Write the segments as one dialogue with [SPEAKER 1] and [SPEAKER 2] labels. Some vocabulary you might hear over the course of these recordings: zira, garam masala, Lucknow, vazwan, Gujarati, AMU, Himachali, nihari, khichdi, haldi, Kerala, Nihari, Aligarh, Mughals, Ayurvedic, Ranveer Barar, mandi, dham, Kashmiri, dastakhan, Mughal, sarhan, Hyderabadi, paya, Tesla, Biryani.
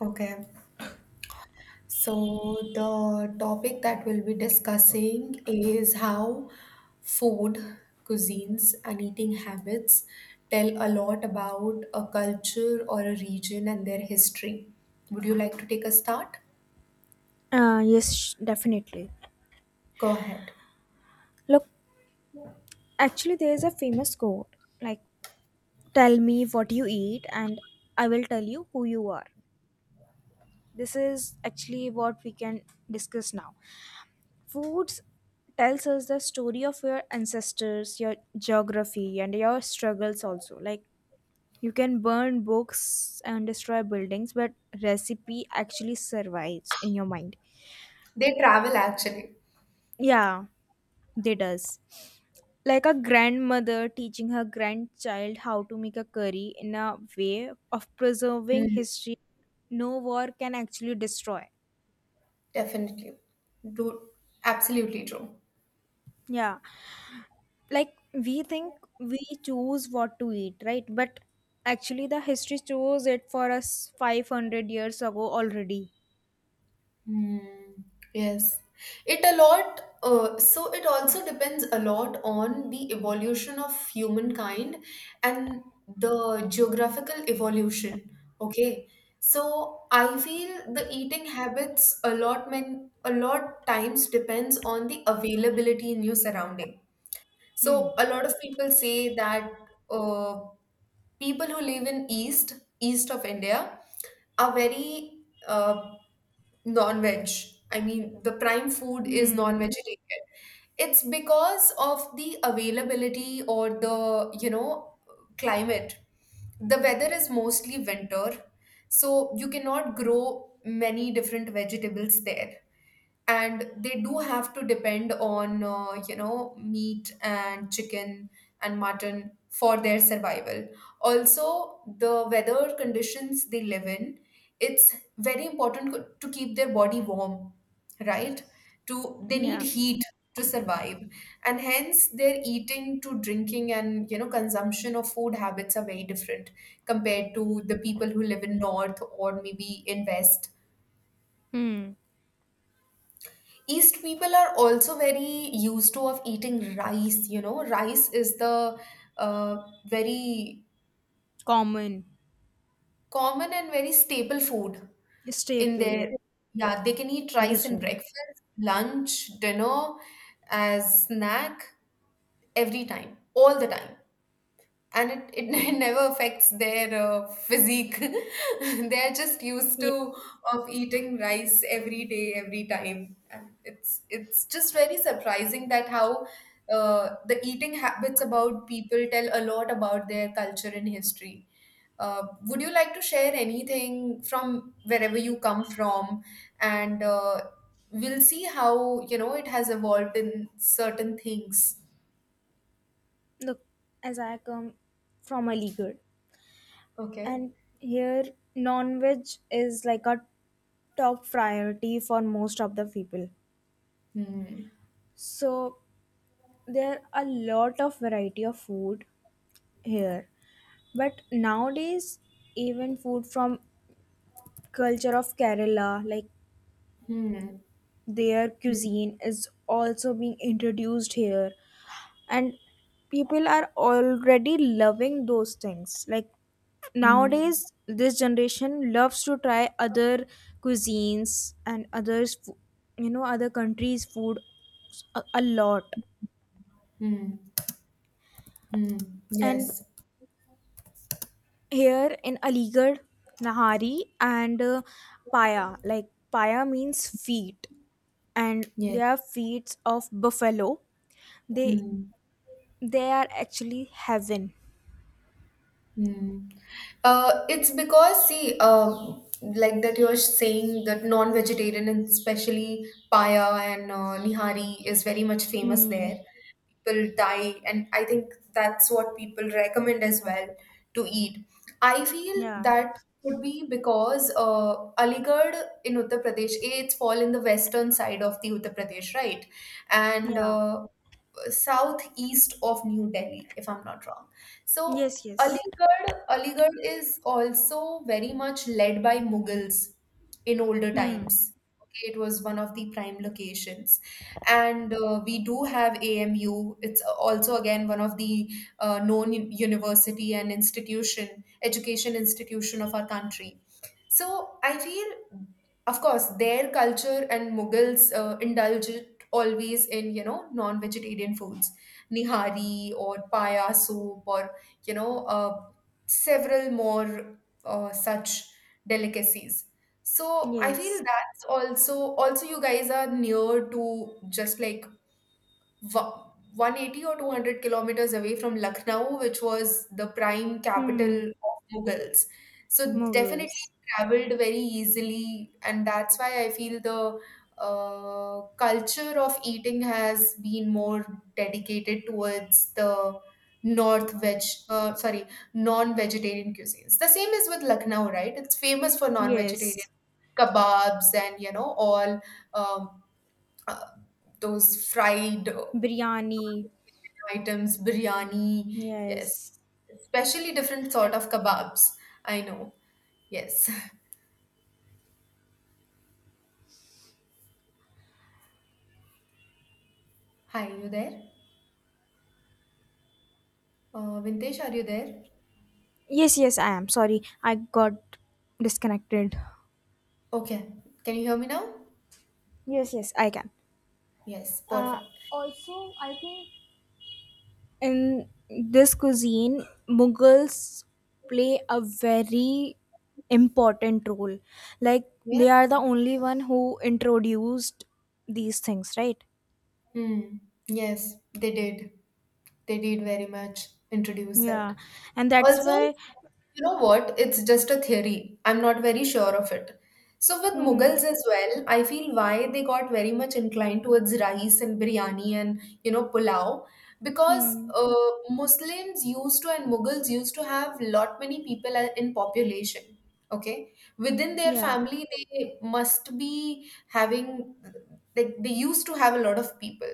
[SPEAKER 1] Okay, so the topic that we'll be discussing is how food, cuisines, and eating habits tell a lot about a culture or a region and their history. Would you like to take a start?
[SPEAKER 2] Yes, definitely.
[SPEAKER 1] Go ahead.
[SPEAKER 2] Look, actually, there is a famous quote like, tell me what you eat, and I will tell you who you are. This is actually what we can discuss now. Foods tells us the story of your ancestors, your geography, and your struggles also. Like, you can burn books and destroy buildings, but recipe actually survives in your mind.
[SPEAKER 1] They travel actually.
[SPEAKER 2] Yeah, they does. Like a grandmother teaching her grandchild how to make a curry in a way of preserving
[SPEAKER 1] Hmm.
[SPEAKER 2] history no war can actually destroy.
[SPEAKER 1] Definitely. Do Absolutely true.
[SPEAKER 2] Yeah. Like we think we choose what to eat, right? But actually the history chose it for us 500 years ago already.
[SPEAKER 1] Hmm. Yes, it a lot. So it also depends a lot on the evolution of humankind and the geographical evolution. Okay, so I feel the eating habits a lot times depends on the availability in your surrounding.
[SPEAKER 2] Hmm.
[SPEAKER 1] So a lot of people say that uh, people who live in east of India are very non-veg. I mean, the prime food is
[SPEAKER 2] Hmm.
[SPEAKER 1] non-vegetarian. It's because of the availability or the climate. The weather is mostly winter, so you cannot grow many different vegetables there, and they do have to depend on meat and chicken and mutton for their survival. Also, the weather conditions they live in, it's very important to keep their body warm, right? to They need
[SPEAKER 2] Yeah.
[SPEAKER 1] heat to survive, and hence their eating to drinking and consumption of food habits are very different compared to the people who live in north or maybe in west
[SPEAKER 2] Hmm.
[SPEAKER 1] East people are also very used to of eating rice. Rice is the uh, very
[SPEAKER 2] Common
[SPEAKER 1] common and very staple food in
[SPEAKER 2] staple, yeah.
[SPEAKER 1] their. Yeah, they can eat rice in
[SPEAKER 2] Region.
[SPEAKER 1] breakfast, lunch, dinner, as snack, every time, all the time. And it never affects their physique. They're just used
[SPEAKER 2] Yeah.
[SPEAKER 1] to of eating rice every day, every time, and it's just very surprising that how the eating habits about people tell a lot about their culture and history. Would you like to share anything from wherever you come from, and we'll see how it has evolved in certain things?
[SPEAKER 2] Look, as I come from a Aligarh,
[SPEAKER 1] Okay.
[SPEAKER 2] and here, non veg is like a top priority for most of the people.
[SPEAKER 1] Hmm.
[SPEAKER 2] So, there are a lot of variety of food here. But nowadays, even food from culture of Kerala, like
[SPEAKER 1] Hmm.
[SPEAKER 2] their cuisine, is also being introduced here. And people are already loving those things like
[SPEAKER 1] Mm,
[SPEAKER 2] nowadays this generation loves to try other cuisines and others other countries food a lot.
[SPEAKER 1] mm, mm.
[SPEAKER 2] And
[SPEAKER 1] Yes,
[SPEAKER 2] here in aligarh nahari and paya, like paya means feet, and
[SPEAKER 1] yes.
[SPEAKER 2] they are feet of buffalo. they
[SPEAKER 1] Mm,
[SPEAKER 2] they are actually heaven.
[SPEAKER 1] mm. It's because, see, like that you're saying that non-vegetarian, and especially paya and nihari is very much famous there.
[SPEAKER 2] Hmm.
[SPEAKER 1] People die, and I think that's what people recommend as well to eat. I feel
[SPEAKER 2] Yeah.
[SPEAKER 1] that could be because Aligarh in Uttar Pradesh, eh, it's fall in the western side of the Uttar Pradesh, right? And
[SPEAKER 2] Yeah.
[SPEAKER 1] southeast of New Delhi, if I'm not wrong. So
[SPEAKER 2] Yes, yes.
[SPEAKER 1] Aligarh is also very much led by Mughals in older
[SPEAKER 2] Hmm.
[SPEAKER 1] times. Okay, it was one of the prime locations, and we do have AMU. It's also again one of the known university and institution, education institution of our country. So I feel, of course, their culture and Mughals indulge always in non-vegetarian foods, nihari or paya soup, or you know uh, several more such delicacies. So I feel
[SPEAKER 2] Yes.
[SPEAKER 1] that's also, also you guys are near to, just like, wa- 180 or 200 kilometers away from Lucknow, which was the prime
[SPEAKER 2] Hmm.
[SPEAKER 1] capital of Mughals. So definitely
[SPEAKER 2] Mughals.
[SPEAKER 1] traveled very easily, and that's why I feel the culture of eating has been more dedicated towards the north veg, sorry, non-vegetarian cuisines. The same is with Lucknow, right? It's famous for non-vegetarian
[SPEAKER 2] Yes.
[SPEAKER 1] kebabs, and all um, uh, those fried
[SPEAKER 2] Biryani.
[SPEAKER 1] items, biryani. Yes,
[SPEAKER 2] Yes.
[SPEAKER 1] especially different sort
[SPEAKER 2] And
[SPEAKER 1] of kebabs. I know. Yes. Hi, you there? Vintesh, are you there?
[SPEAKER 2] yes, yes, I am. Sorry, I got disconnected.
[SPEAKER 1] Okay. Can you hear me now?
[SPEAKER 2] Yes, yes, I can.
[SPEAKER 1] Yes,
[SPEAKER 2] Uh,
[SPEAKER 1] perfect.
[SPEAKER 2] Also, I think in this cuisine, Mughals play a very important role. Like
[SPEAKER 1] Yeah.
[SPEAKER 2] they are the only one who introduced these things, right?
[SPEAKER 1] Hmm. Yes, they did. They did very much introduce it.
[SPEAKER 2] Yeah, and that's
[SPEAKER 1] Also,
[SPEAKER 2] why.
[SPEAKER 1] you know what? It's just a theory. I'm not very sure of it. So, with
[SPEAKER 2] Hmm.
[SPEAKER 1] Mughals as well, I feel why they got very much inclined towards rice and biryani and, pulao, because
[SPEAKER 2] Hmm.
[SPEAKER 1] uh, Muslims used to and Mughals used to have lot many people in population. Okay, within their
[SPEAKER 2] Yeah.
[SPEAKER 1] family, they must be having, like they used to have a lot of people.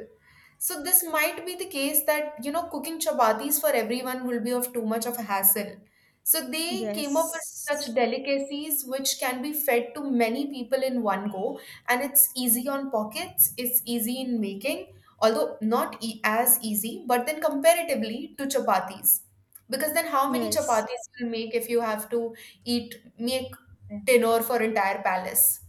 [SPEAKER 1] So this might be the case that, cooking chapatis for everyone will be of too much of a hassle. So they came up with such
[SPEAKER 2] Yes.
[SPEAKER 1] delicacies which can be fed to many people in one go, and it's easy on pockets, it's easy in making, although not e as easy, but then comparatively to chapatis. Because then how many
[SPEAKER 2] Yes.
[SPEAKER 1] chapatis you'll make if you have to eat, make dinner for entire palace?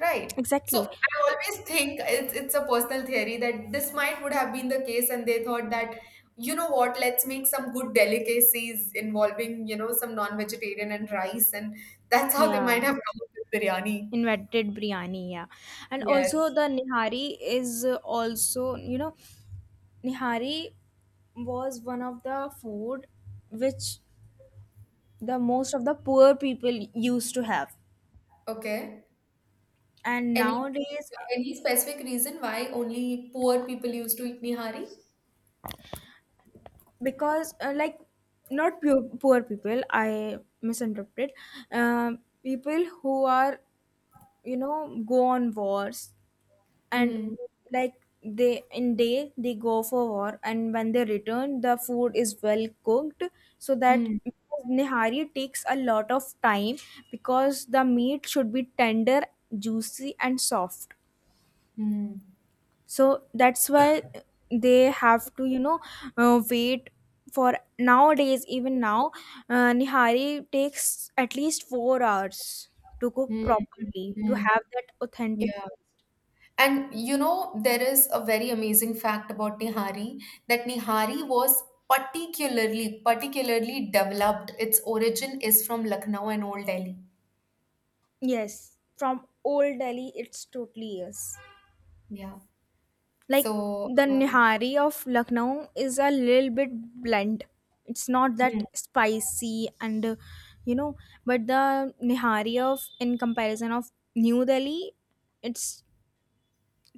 [SPEAKER 1] Right. So
[SPEAKER 2] Exactly.
[SPEAKER 1] I always think it's a personal theory that this might would have been the case, and they thought that, you know what, let's make some good delicacies involving, some non-vegetarian and rice, and that's how they might
[SPEAKER 2] Yeah.
[SPEAKER 1] have come up with biryani.
[SPEAKER 2] Invented biryani. Yeah. And also
[SPEAKER 1] Yes.
[SPEAKER 2] the nihari is also, you know, nihari was one of the food which the most of the poor people used to have.
[SPEAKER 1] Okay.
[SPEAKER 2] And
[SPEAKER 1] Any
[SPEAKER 2] nowadays,
[SPEAKER 1] any specific reason why only poor people used to eat nihari?
[SPEAKER 2] because like not pure, poor people, I misinterpreted, people who are, you know, go on wars and
[SPEAKER 1] Hmm.
[SPEAKER 2] like they in day they go for war and when they return the food is well cooked so that
[SPEAKER 1] Hmm.
[SPEAKER 2] because nihari takes a lot of time because the meat should be tender, juicy and soft.
[SPEAKER 1] Hmm.
[SPEAKER 2] So that's why they have to, you know, wait for nowadays even now nihari takes at least 4 hours to cook
[SPEAKER 1] Hmm.
[SPEAKER 2] properly to
[SPEAKER 1] Hmm.
[SPEAKER 2] have that authentic
[SPEAKER 1] Yeah.
[SPEAKER 2] taste.
[SPEAKER 1] And there is a very amazing fact about Nihari, that Nihari was particularly developed. Its origin is from Lucknow and Old Delhi.
[SPEAKER 2] Yes, from old Delhi, it's totally yes.
[SPEAKER 1] Yeah.
[SPEAKER 2] Like
[SPEAKER 1] So,
[SPEAKER 2] the nihari of Lucknow is a little bit blunt. It's not that
[SPEAKER 1] hmm,
[SPEAKER 2] spicy and you know, but the nihari of in comparison of New Delhi, it's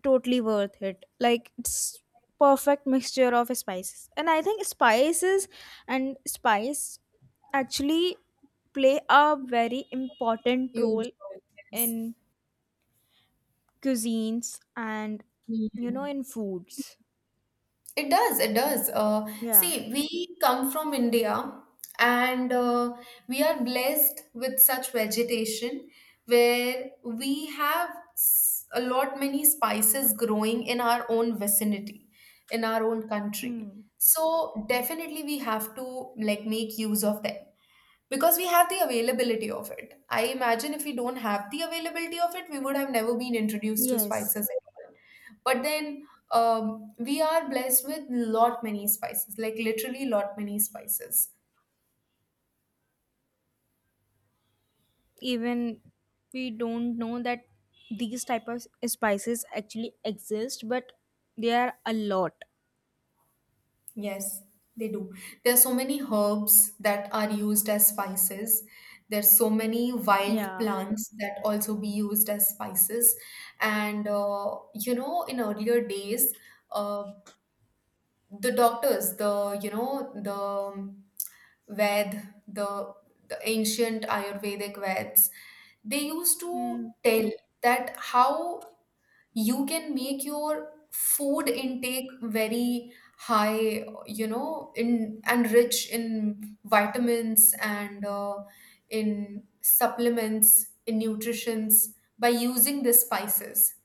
[SPEAKER 2] totally worth it. Like it's perfect mixture of spices. And I think spices and spice actually play a very important
[SPEAKER 1] huge.
[SPEAKER 2] role in cuisines and you
[SPEAKER 1] Yes.
[SPEAKER 2] know in foods.
[SPEAKER 1] It does, it does. Uh,
[SPEAKER 2] Yeah.
[SPEAKER 1] see, we come from India, and we are blessed with such vegetation where we have a lot many spices growing in our own vicinity, in our own country.
[SPEAKER 2] Hmm.
[SPEAKER 1] So definitely we have to like make use of them because we have the availability of it. I imagine if we don't have the availability of it, we would have never been introduced to
[SPEAKER 2] Yes,
[SPEAKER 1] spices at all. But then, we are blessed with lot many spices, like literally lot many spices.
[SPEAKER 2] even we don't know that these type of spices actually exist but they are a lot.
[SPEAKER 1] Yes, they do. There are so many herbs that are used as spices. There's so many wild
[SPEAKER 2] Yeah.
[SPEAKER 1] plants that also be used as spices. And in earlier days, uh, the doctors, the, you know the, Ved, the ancient Ayurvedic Veds, they used to
[SPEAKER 2] Hmm.
[SPEAKER 1] tell that how you can make your food intake very high, in and rich in vitamins and in supplements, in nutritions, by using the spices.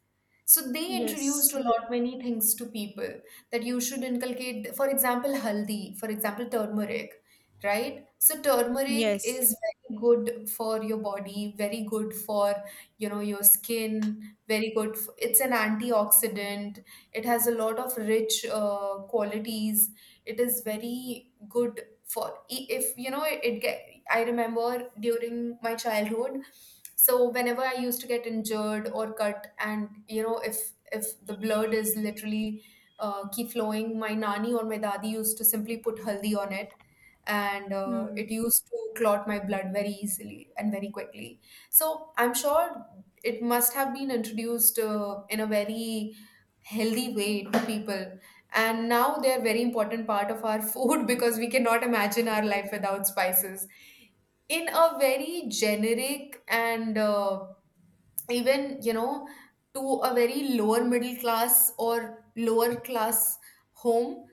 [SPEAKER 1] So they introduced a
[SPEAKER 2] Yes,
[SPEAKER 1] lot many things to people, that you should inculcate, for example, haldi, for example, turmeric, right? So turmeric is
[SPEAKER 2] yes.
[SPEAKER 1] very good for your body, very good for your skin, very good. It's an antioxidant. It has a lot of rich qualities. It is very good for if you know it, it get. I remember during my childhood, so whenever I used to get injured or cut, and if the blood is literally keep flowing, my nani or my dadi used to simply put haldi on it. And
[SPEAKER 2] Hmm.
[SPEAKER 1] it used to clot my blood very easily and very quickly. So I'm sure it must have been introduced in a very healthy way to people, and now they are very important part of our food because we cannot imagine our life without spices, in a very generic and even to a very lower middle class or lower class home.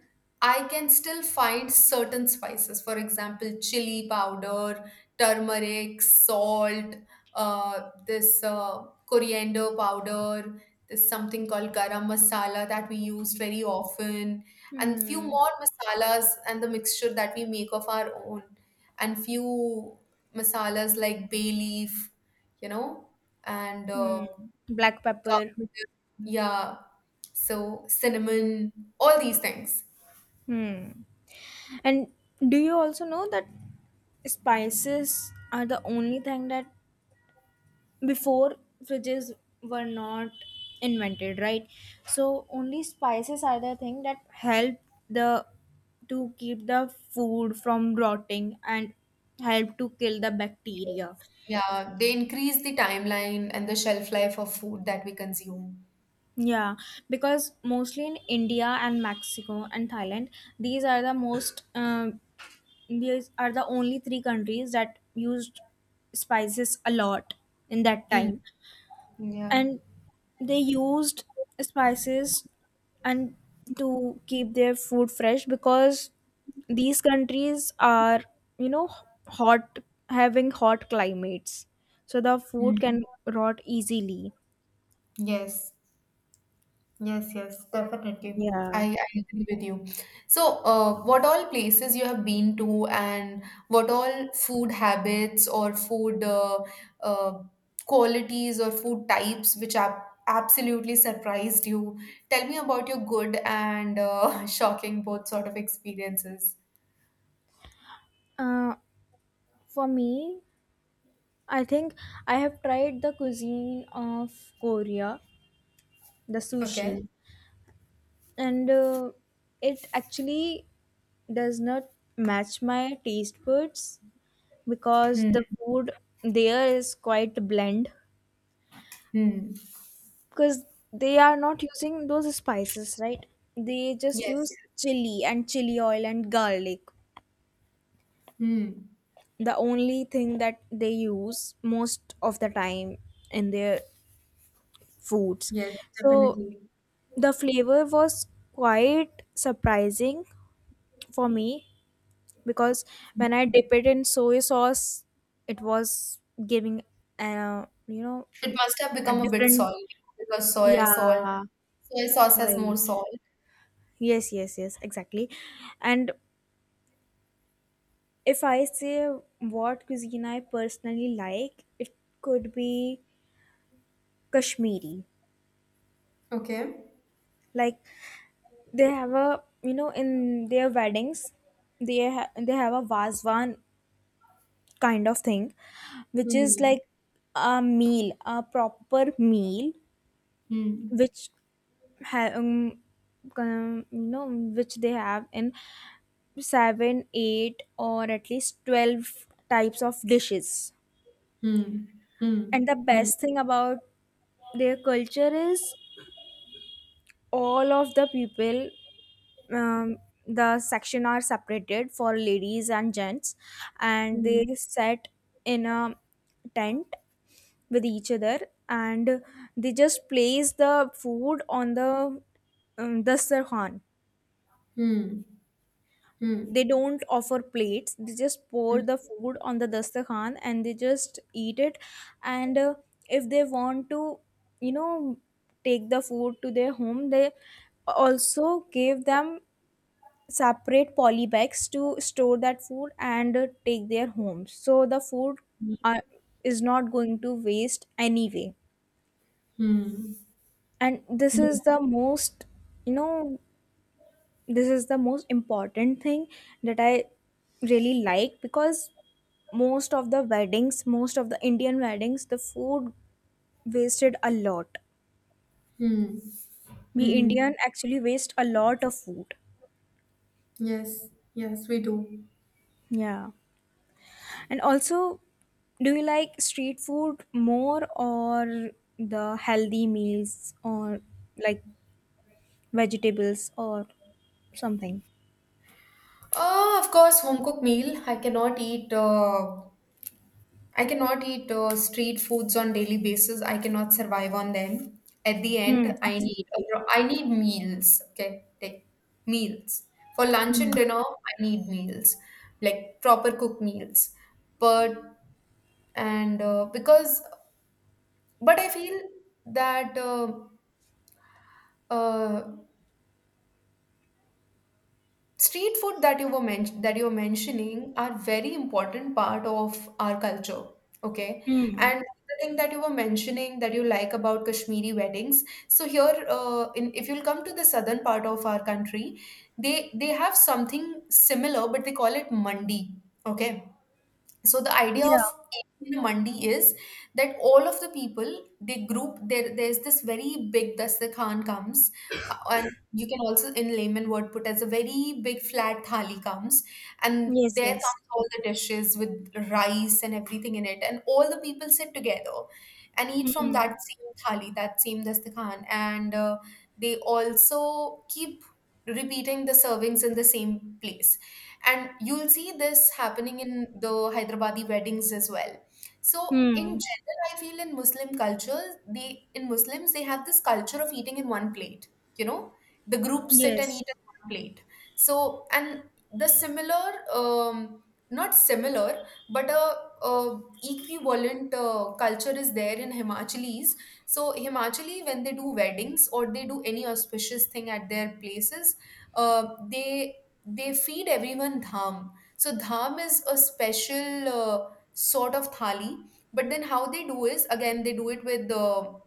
[SPEAKER 1] I can still find certain spices, for example, chili powder, turmeric, salt, this coriander powder, this something called garam masala, that we use very often, and few
[SPEAKER 2] Hmm.
[SPEAKER 1] more masalas and the mixture that we make of our own, and few masalas like bay leaf, you know and
[SPEAKER 2] Hmm. Black pepper.
[SPEAKER 1] come- yeah, so cinnamon, all these things.
[SPEAKER 2] Hmm. And do you also know that spices are the only thing that before fridges were not invented, right? So only spices are the thing that help the to keep the food from rotting and help to kill the bacteria.
[SPEAKER 1] Yeah, they increase the timeline and the shelf life of food that we consume.
[SPEAKER 2] Yeah, because mostly in india and mexico and thailand, these are the most these are the only three countries that used spices a lot in that
[SPEAKER 1] Hmm.
[SPEAKER 2] time.
[SPEAKER 1] Yeah.
[SPEAKER 2] And they used spices and to keep their food fresh because these countries are, you know, hot, having hot climates, so the
[SPEAKER 1] Hmm.
[SPEAKER 2] food can rot easily.
[SPEAKER 1] Yes. Yes, yes, definitely. I,
[SPEAKER 2] Yeah.
[SPEAKER 1] I agree with you. So, what all places you have been to, and what all food habits or food uh, qualities or food types which have absolutely surprised you? Tell me about your good and shocking both sort of experiences.
[SPEAKER 2] uh, for me, I think I have tried the cuisine of Korea, the
[SPEAKER 1] Okay.
[SPEAKER 2] sushi, and it actually does not match my taste buds because the
[SPEAKER 1] Hmm.
[SPEAKER 2] food there is quite bland,
[SPEAKER 1] Hmm.
[SPEAKER 2] because they are not using those spices, right? They just
[SPEAKER 1] Yes,
[SPEAKER 2] use
[SPEAKER 1] yes.
[SPEAKER 2] chili and chili oil and garlic,
[SPEAKER 1] Hmm.
[SPEAKER 2] the only thing that they use most of the time in their foods.
[SPEAKER 1] Yes,
[SPEAKER 2] So
[SPEAKER 1] definitely.
[SPEAKER 2] the flavor was quite surprising for me because when I dip it in soy sauce it was giving you know
[SPEAKER 1] It must have
[SPEAKER 2] a
[SPEAKER 1] become a bit
[SPEAKER 2] different,
[SPEAKER 1] salty because soy salt,
[SPEAKER 2] yeah.
[SPEAKER 1] soy sauce has more
[SPEAKER 2] Right.
[SPEAKER 1] salt.
[SPEAKER 2] Yes, yes, yes, exactly. And if I say what cuisine I personally like, it could be Kashmiri.
[SPEAKER 1] Okay.
[SPEAKER 2] Like they have a, you know, in their weddings, they have a vazwan kind of thing, which is
[SPEAKER 1] Hmm.
[SPEAKER 2] like a meal, a proper meal,
[SPEAKER 1] Hmm.
[SPEAKER 2] which ha you know, which they have in seven, eight, or at least 12 types of dishes.
[SPEAKER 1] Hmm. Hmm.
[SPEAKER 2] And the
[SPEAKER 1] Hmm.
[SPEAKER 2] best thing about their culture is all of the people, um, the section are separated for ladies and gents, and they sat in a tent with each other and they just place the food on the sarhan.
[SPEAKER 1] Hmm. Hmm.
[SPEAKER 2] They don't offer plates, they just pour
[SPEAKER 1] Hmm.
[SPEAKER 2] the food on the dastakhan and they just eat it. And if they want to, you know, take the food to their home they also gave them separate poly bags to store that food and take their homes, so the food
[SPEAKER 1] Hmm.
[SPEAKER 2] uh, is not going to waste anyway.
[SPEAKER 1] Hmm.
[SPEAKER 2] And this is the most, you know, this is the most important thing that I really like because most of the weddings, most of the Indian weddings, the food wasted a lot.
[SPEAKER 1] Hmm.
[SPEAKER 2] We
[SPEAKER 1] Hmm.
[SPEAKER 2] Indian actually waste a lot of food.
[SPEAKER 1] Yes, yes, we do.
[SPEAKER 2] Yeah. And also, do you like street food more or the healthy meals or like vegetables or something?
[SPEAKER 1] Oh, of course, home cooked meal. I cannot eat street foods on daily basis. I cannot survive on them. At the
[SPEAKER 2] Hmm,
[SPEAKER 1] end, I need
[SPEAKER 2] absolutely.
[SPEAKER 1] I need meals. Okay, take meals. For lunch and
[SPEAKER 2] Hmm.
[SPEAKER 1] dinner, I need meals, like proper cooked meals. But and because but I feel that uh, street food that you are mentioning are very important part of our culture, okay,
[SPEAKER 2] Hmm.
[SPEAKER 1] and the thing that you were mentioning that you like about Kashmiri weddings. So here, in if you'll come to the southern part of our country, they have something similar, but they call it mandi, okay. So the idea of
[SPEAKER 2] Yeah.
[SPEAKER 1] Indian mandi is that all of the people they group there. There's this very big dastakhan comes, and you can also in layman word put as a very big flat thali comes, and
[SPEAKER 2] Yes,
[SPEAKER 1] there
[SPEAKER 2] yes.
[SPEAKER 1] comes all the dishes with rice and everything in it, and all the people sit together and eat from
[SPEAKER 2] Hmm.
[SPEAKER 1] that same thali, that same dastakhan, and they also keep repeating the servings in the same place. And you'll see this happening in the Hyderabadi weddings as well. So in
[SPEAKER 2] Hmm.
[SPEAKER 1] general, I feel in Muslim culture, they in Muslims they have this culture of eating in one plate. You know, the group sit and
[SPEAKER 2] Yes.
[SPEAKER 1] eat in one plate. So and the not similar, but a equivalent culture is there in Himachalis. So Himachali, when they do weddings or they do any auspicious thing at their places, they they feed everyone dham. So dham is a special sort of thali. But then how they do is again they do it with the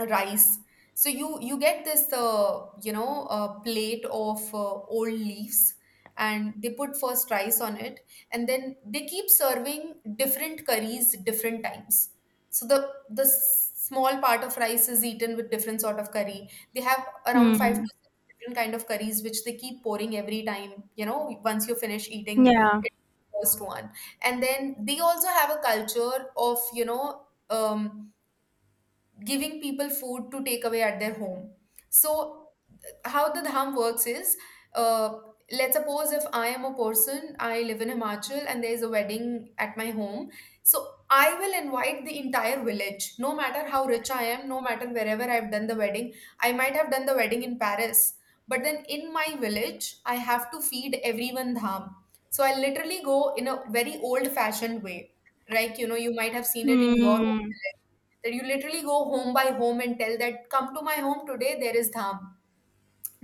[SPEAKER 1] rice. So you get this plate of old leaves, and they put first rice on it, and then they keep serving different curries different times. So the small part of rice is eaten with different sort of curry. They have around five to
[SPEAKER 2] Hmm.
[SPEAKER 1] six different kind of curries, which they keep pouring every time. You know, once you finish eating
[SPEAKER 2] Yeah.
[SPEAKER 1] it first one. And then they also have a culture of Um, giving people food to take away at their home. So how the dham works is, uh, let's suppose if I am a person, I live in Himachal and there is a wedding at my home, so I will invite the entire village, no matter how rich I am, no matter wherever I've done the wedding. I might have done the wedding in Paris, but then in my village I have to feed everyone dham. So I literally go in a very old fashioned way, like you know you might have seen it in your own
[SPEAKER 2] Hmm.
[SPEAKER 1] village, that you literally go home by home and tell that come to my home today, there is dham.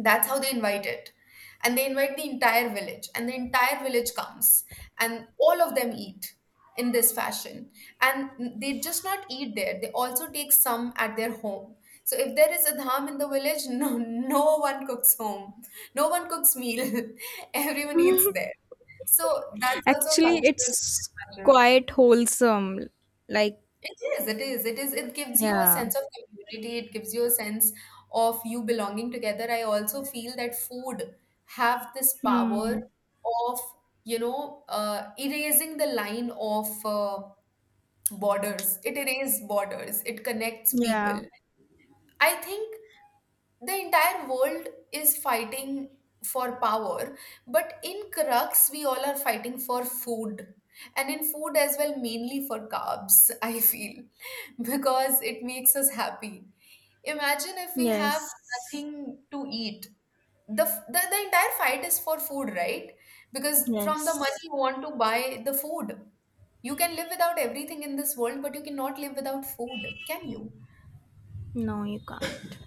[SPEAKER 1] That's how they invite it. And they invite the entire village, and the entire village comes, and all of them eat in this fashion. And they just not eat there, they also take some at their home. So if there is a dham in the village no no one cooks home, no one cooks meal. Everyone eats there. So that's also a
[SPEAKER 2] Actually,
[SPEAKER 1] cultural
[SPEAKER 2] it's
[SPEAKER 1] factor.
[SPEAKER 2] quite wholesome. Like,
[SPEAKER 1] It is, it is, it is. It gives you a
[SPEAKER 2] yeah.
[SPEAKER 1] sense of community. It gives you a sense of you belonging together. I also feel that food have this power
[SPEAKER 2] Hmm.
[SPEAKER 1] of, erasing the line of borders. It erases borders. It connects
[SPEAKER 2] Yeah.
[SPEAKER 1] people. I think the entire world is fighting for power, but in crux, we all are fighting for food. And in food as well, mainly for carbs, I feel, because it makes us happy. Imagine if we have
[SPEAKER 2] Yes.
[SPEAKER 1] nothing to eat. The entire fight is for food, right? Because from the money
[SPEAKER 2] Yes.
[SPEAKER 1] you want to buy the food. You can live without everything in this world, but you cannot live without food, can you?
[SPEAKER 2] No, you can't.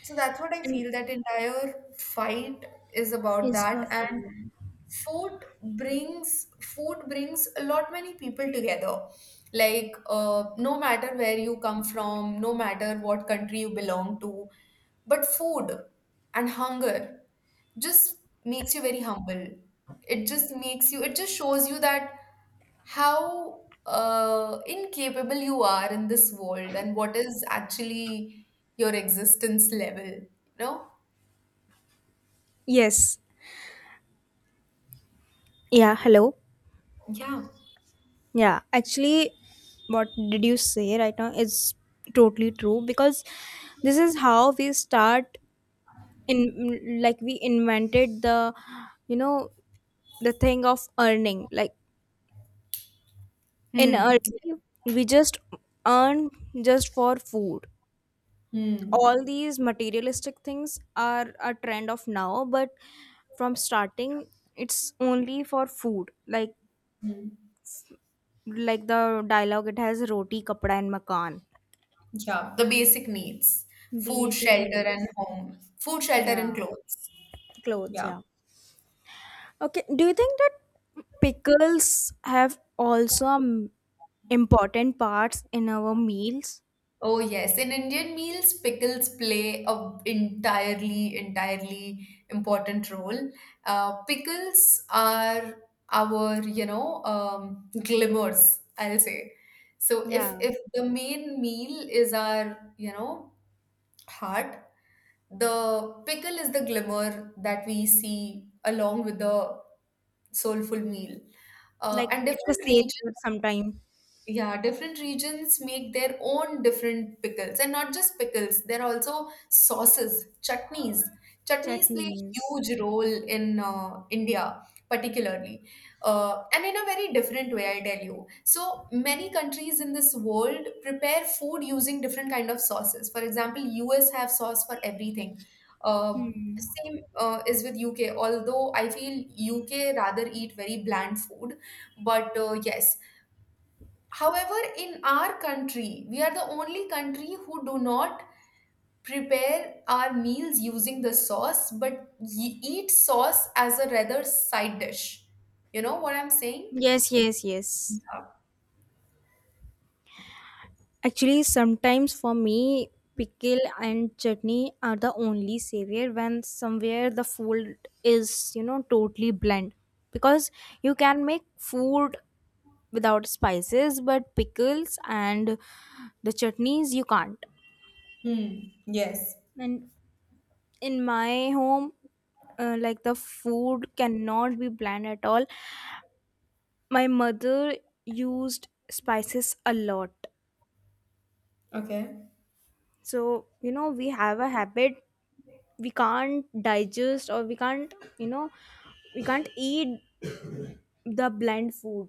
[SPEAKER 1] So that's what I
[SPEAKER 2] And
[SPEAKER 1] feel. That entire fight is about
[SPEAKER 2] it's for
[SPEAKER 1] that, and
[SPEAKER 2] freedom.
[SPEAKER 1] food brings food brings a lot many people together. Like, no matter where you come from, no matter what country you belong to, but food and hunger just makes you very humble. It just makes you. It just shows you that how incapable you are in this world and what is actually your existence level. You know.
[SPEAKER 2] Yes, yeah. Hello.
[SPEAKER 1] Yeah.
[SPEAKER 2] Yeah, actually, what did you say right now is totally true because this is how we start in like we invented the, you know, the thing of earning like in
[SPEAKER 1] Hmm.
[SPEAKER 2] early we just earn just for food.
[SPEAKER 1] Hmm.
[SPEAKER 2] All these materialistic things are a trend of now but from starting it's only for food,
[SPEAKER 1] Hmm.
[SPEAKER 2] like the dialogue it has roti kapda and makan.
[SPEAKER 1] Yeah. The basic needs. Food,
[SPEAKER 2] Basic
[SPEAKER 1] shelter, and
[SPEAKER 2] needs.
[SPEAKER 1] home. Food, shelter,
[SPEAKER 2] Yeah.
[SPEAKER 1] and clothes.
[SPEAKER 2] Clothes,
[SPEAKER 1] Yeah.
[SPEAKER 2] yeah. Okay, do you think that pickles have also important parts in our meals?
[SPEAKER 1] Oh yes. In Indian meals, pickles play a entirely, entirely important role. Pickles are our, glimmers, I'll say. So if
[SPEAKER 2] Yeah.
[SPEAKER 1] if the main meal is our, you know, heart. The pickle is the glimmer that we see along with the soulful meal.
[SPEAKER 2] Like
[SPEAKER 1] And
[SPEAKER 2] it's a
[SPEAKER 1] different
[SPEAKER 2] savior
[SPEAKER 1] regions,
[SPEAKER 2] sometimes.
[SPEAKER 1] yeah, different regions make their own different pickles. And not just pickles, they're also sauces, chutneys. Chutneys play a
[SPEAKER 2] Chutneys.
[SPEAKER 1] huge role in India particularly, and in a very different way I tell you. So many countries in this world prepare food using different kind of sauces. For example, US have sauce for everything. Uh, same uh, is with UK, although I feel UK rather eat very bland food, but yes. However, in our country, we are the only country who do not prepare our meals using the sauce, but eat sauce as a rather side dish. You know what I'm saying?
[SPEAKER 2] Yes, yes, yes. Actually, sometimes for me, pickle and chutney are the only savior when somewhere the food is, you know, totally bland. Because you can make food without spices, but pickles and the chutneys you can't.
[SPEAKER 1] Hmm. Yes.
[SPEAKER 2] And in my home, like the food cannot be bland at all. My mother used spices a lot
[SPEAKER 1] Okay.
[SPEAKER 2] so you know we have a habit we can't digest or we can't, you know, we can't eat the bland food.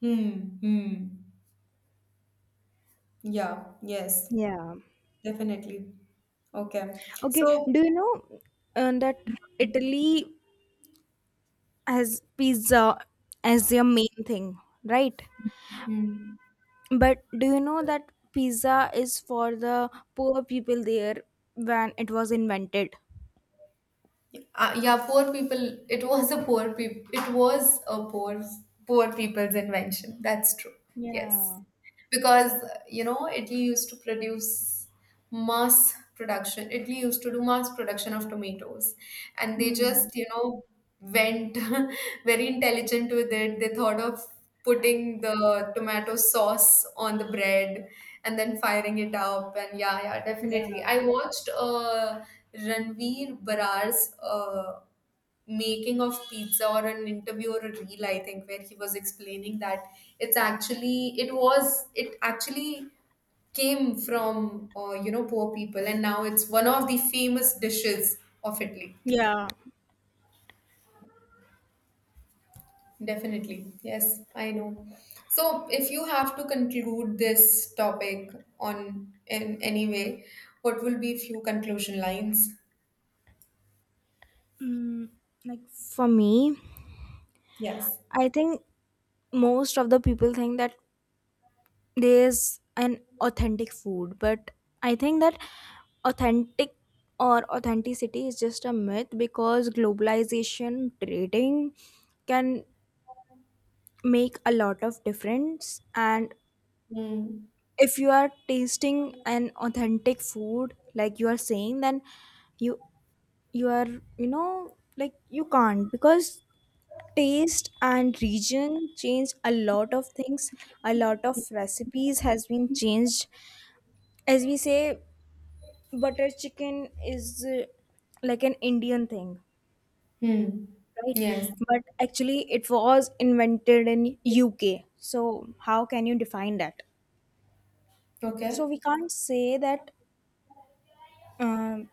[SPEAKER 1] Hmm. Hmm. Yeah. Yes.
[SPEAKER 2] Yeah.
[SPEAKER 1] Definitely. Okay.
[SPEAKER 2] Okay,
[SPEAKER 1] So,
[SPEAKER 2] do you know that italy has pizza as their main thing, right?
[SPEAKER 1] hmm.
[SPEAKER 2] But do you know that pizza is for the poor people there when it was invented?
[SPEAKER 1] Yeah, poor people. It was a poor people. It was a poor people's invention. That's true. Yes.
[SPEAKER 2] Yeah.
[SPEAKER 1] Because you know Italy used to produce mass production. Italy used to do mass production of tomatoes, and they
[SPEAKER 2] Hmm.
[SPEAKER 1] just you know went very intelligent with it. They thought of putting the tomato sauce on the bread and then firing it up. And yeah, yeah, definitely.
[SPEAKER 2] Yeah.
[SPEAKER 1] I watched Ranveer Barar's. Making of pizza or an interview or a reel, I think, where he was explaining that it actually came from, you know, poor people, and now it's one of the famous dishes of Italy.
[SPEAKER 2] Yeah,
[SPEAKER 1] Definitely, yes. I know. So if you have to conclude this topic on in any way, what will be few conclusion lines.
[SPEAKER 2] like for me
[SPEAKER 1] Yes.
[SPEAKER 2] I think most of the people think that there's an authentic food but I think that authentic or authenticity is just a myth because globalization, trading can make a lot of difference. And
[SPEAKER 1] Hmm.
[SPEAKER 2] if you are tasting an authentic food like you are saying then you you are, you know, like you can't because taste and region change a lot of things. A lot of recipes has been changed. As we say butter chicken is like an Indian thing,
[SPEAKER 1] Hmm.
[SPEAKER 2] right?
[SPEAKER 1] Yes,
[SPEAKER 2] But actually, it was invented in UK. So how can you define that?
[SPEAKER 1] okay.
[SPEAKER 2] So we can't say that um,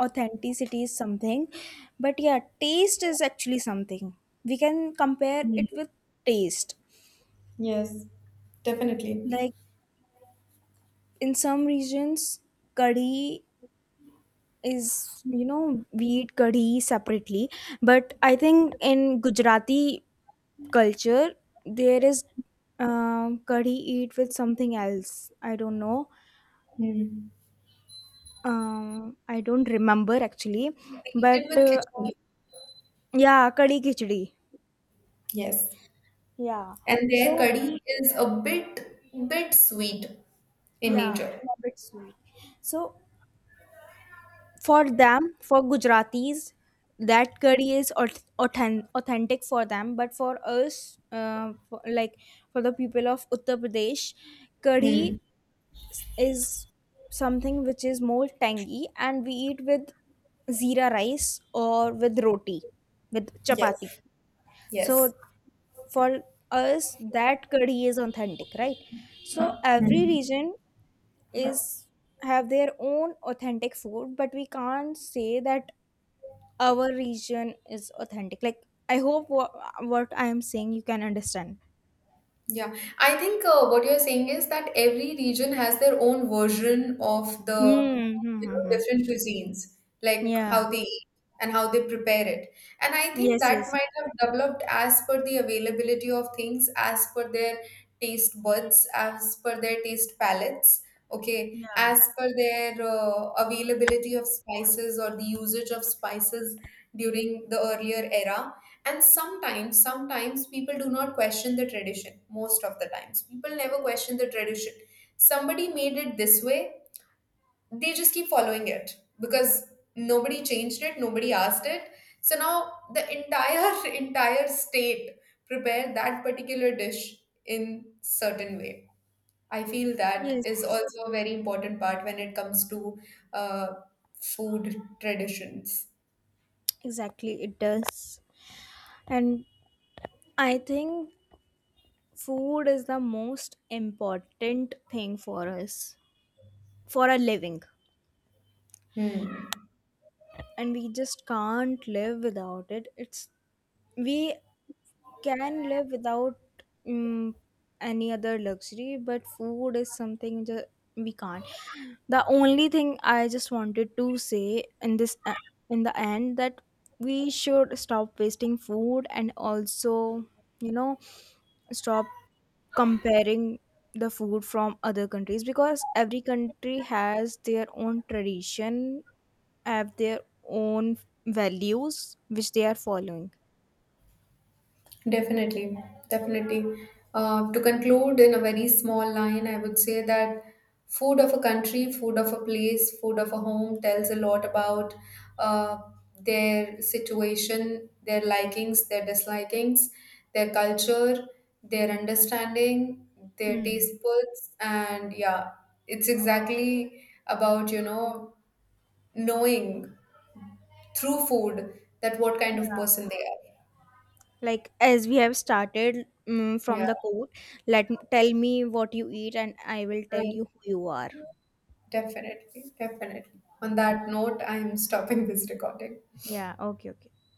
[SPEAKER 2] authenticity is something, but yeah, taste is actually something. We can compare it with taste.
[SPEAKER 1] Yes, definitely.
[SPEAKER 2] Like in some regions, curry is you know we eat curry separately, but I think in Gujarati culture there is curry eat with something else, I don't know,
[SPEAKER 1] Mm.
[SPEAKER 2] I don't remember actually.
[SPEAKER 1] They eat it
[SPEAKER 2] But
[SPEAKER 1] with khichdi.
[SPEAKER 2] yeah, curry khichdi.
[SPEAKER 1] Yes.
[SPEAKER 2] Yeah.
[SPEAKER 1] And their
[SPEAKER 2] So
[SPEAKER 1] curry is a bit sweet in
[SPEAKER 2] yeah,
[SPEAKER 1] nature.
[SPEAKER 2] bit sweet. So for them, for gujaratis, that curry is authentic for them, but for us, for, like for the people of uttar pradesh, curry
[SPEAKER 1] Hmm.
[SPEAKER 2] is something which is more tangy and we eat with zira rice or with roti, with chapati.
[SPEAKER 1] Yes. Yes.
[SPEAKER 2] So for us, that curry is authentic, right? So every region is have their own authentic food, but we can't say that our region is authentic. Like I hope what I am saying you can understand.
[SPEAKER 1] Yeah, I think what you're saying is that every region has their own version of the, you know,
[SPEAKER 2] Mm-hmm.
[SPEAKER 1] different cuisines, like
[SPEAKER 2] Yeah.
[SPEAKER 1] how they eat and how they prepare it. And I think
[SPEAKER 2] Yes.
[SPEAKER 1] that
[SPEAKER 2] Yes.
[SPEAKER 1] might have developed as per the availability of things, as per their taste buds, as per their taste palettes, okay, as
[SPEAKER 2] Yeah.
[SPEAKER 1] per their availability of spices or the usage of spices during the earlier era. And sometimes, sometimes people do not question the tradition. Most of the times, people never question the tradition. Somebody made it this way, they just keep following it because nobody changed it, nobody asked it. So now the entire entire state prepare that particular dish in certain way. I feel that is
[SPEAKER 2] Yes.
[SPEAKER 1] also a very important part when it comes to uh, food traditions.
[SPEAKER 2] Exactly. It does. And I think food is the most important thing for us for a living.
[SPEAKER 1] Hmm.
[SPEAKER 2] And we just can't live without it. It's we can live without mm any other luxury, but food is something we can't. The only thing I just wanted to say in this in the end that we should stop wasting food and also, you know, stop comparing the food from other countries because every country has their own tradition, have their own values which they are following.
[SPEAKER 1] Definitely, definitely. To conclude in a very small line, I would say that food of a country, food of a place, food of a home tells a lot about uh, their situation, their likings, their dislikings, their culture, their understanding, their taste buds, and yeah, it's exactly about, you know, knowing through food that what kind of person they are.
[SPEAKER 2] Like as we have started
[SPEAKER 1] Yeah.
[SPEAKER 2] from the quote let tell me what you eat and I will tell
[SPEAKER 1] Right.
[SPEAKER 2] you who you are.
[SPEAKER 1] Definitely, definitely. On that note, I am stopping this recording.
[SPEAKER 2] Yeah, okay, okay.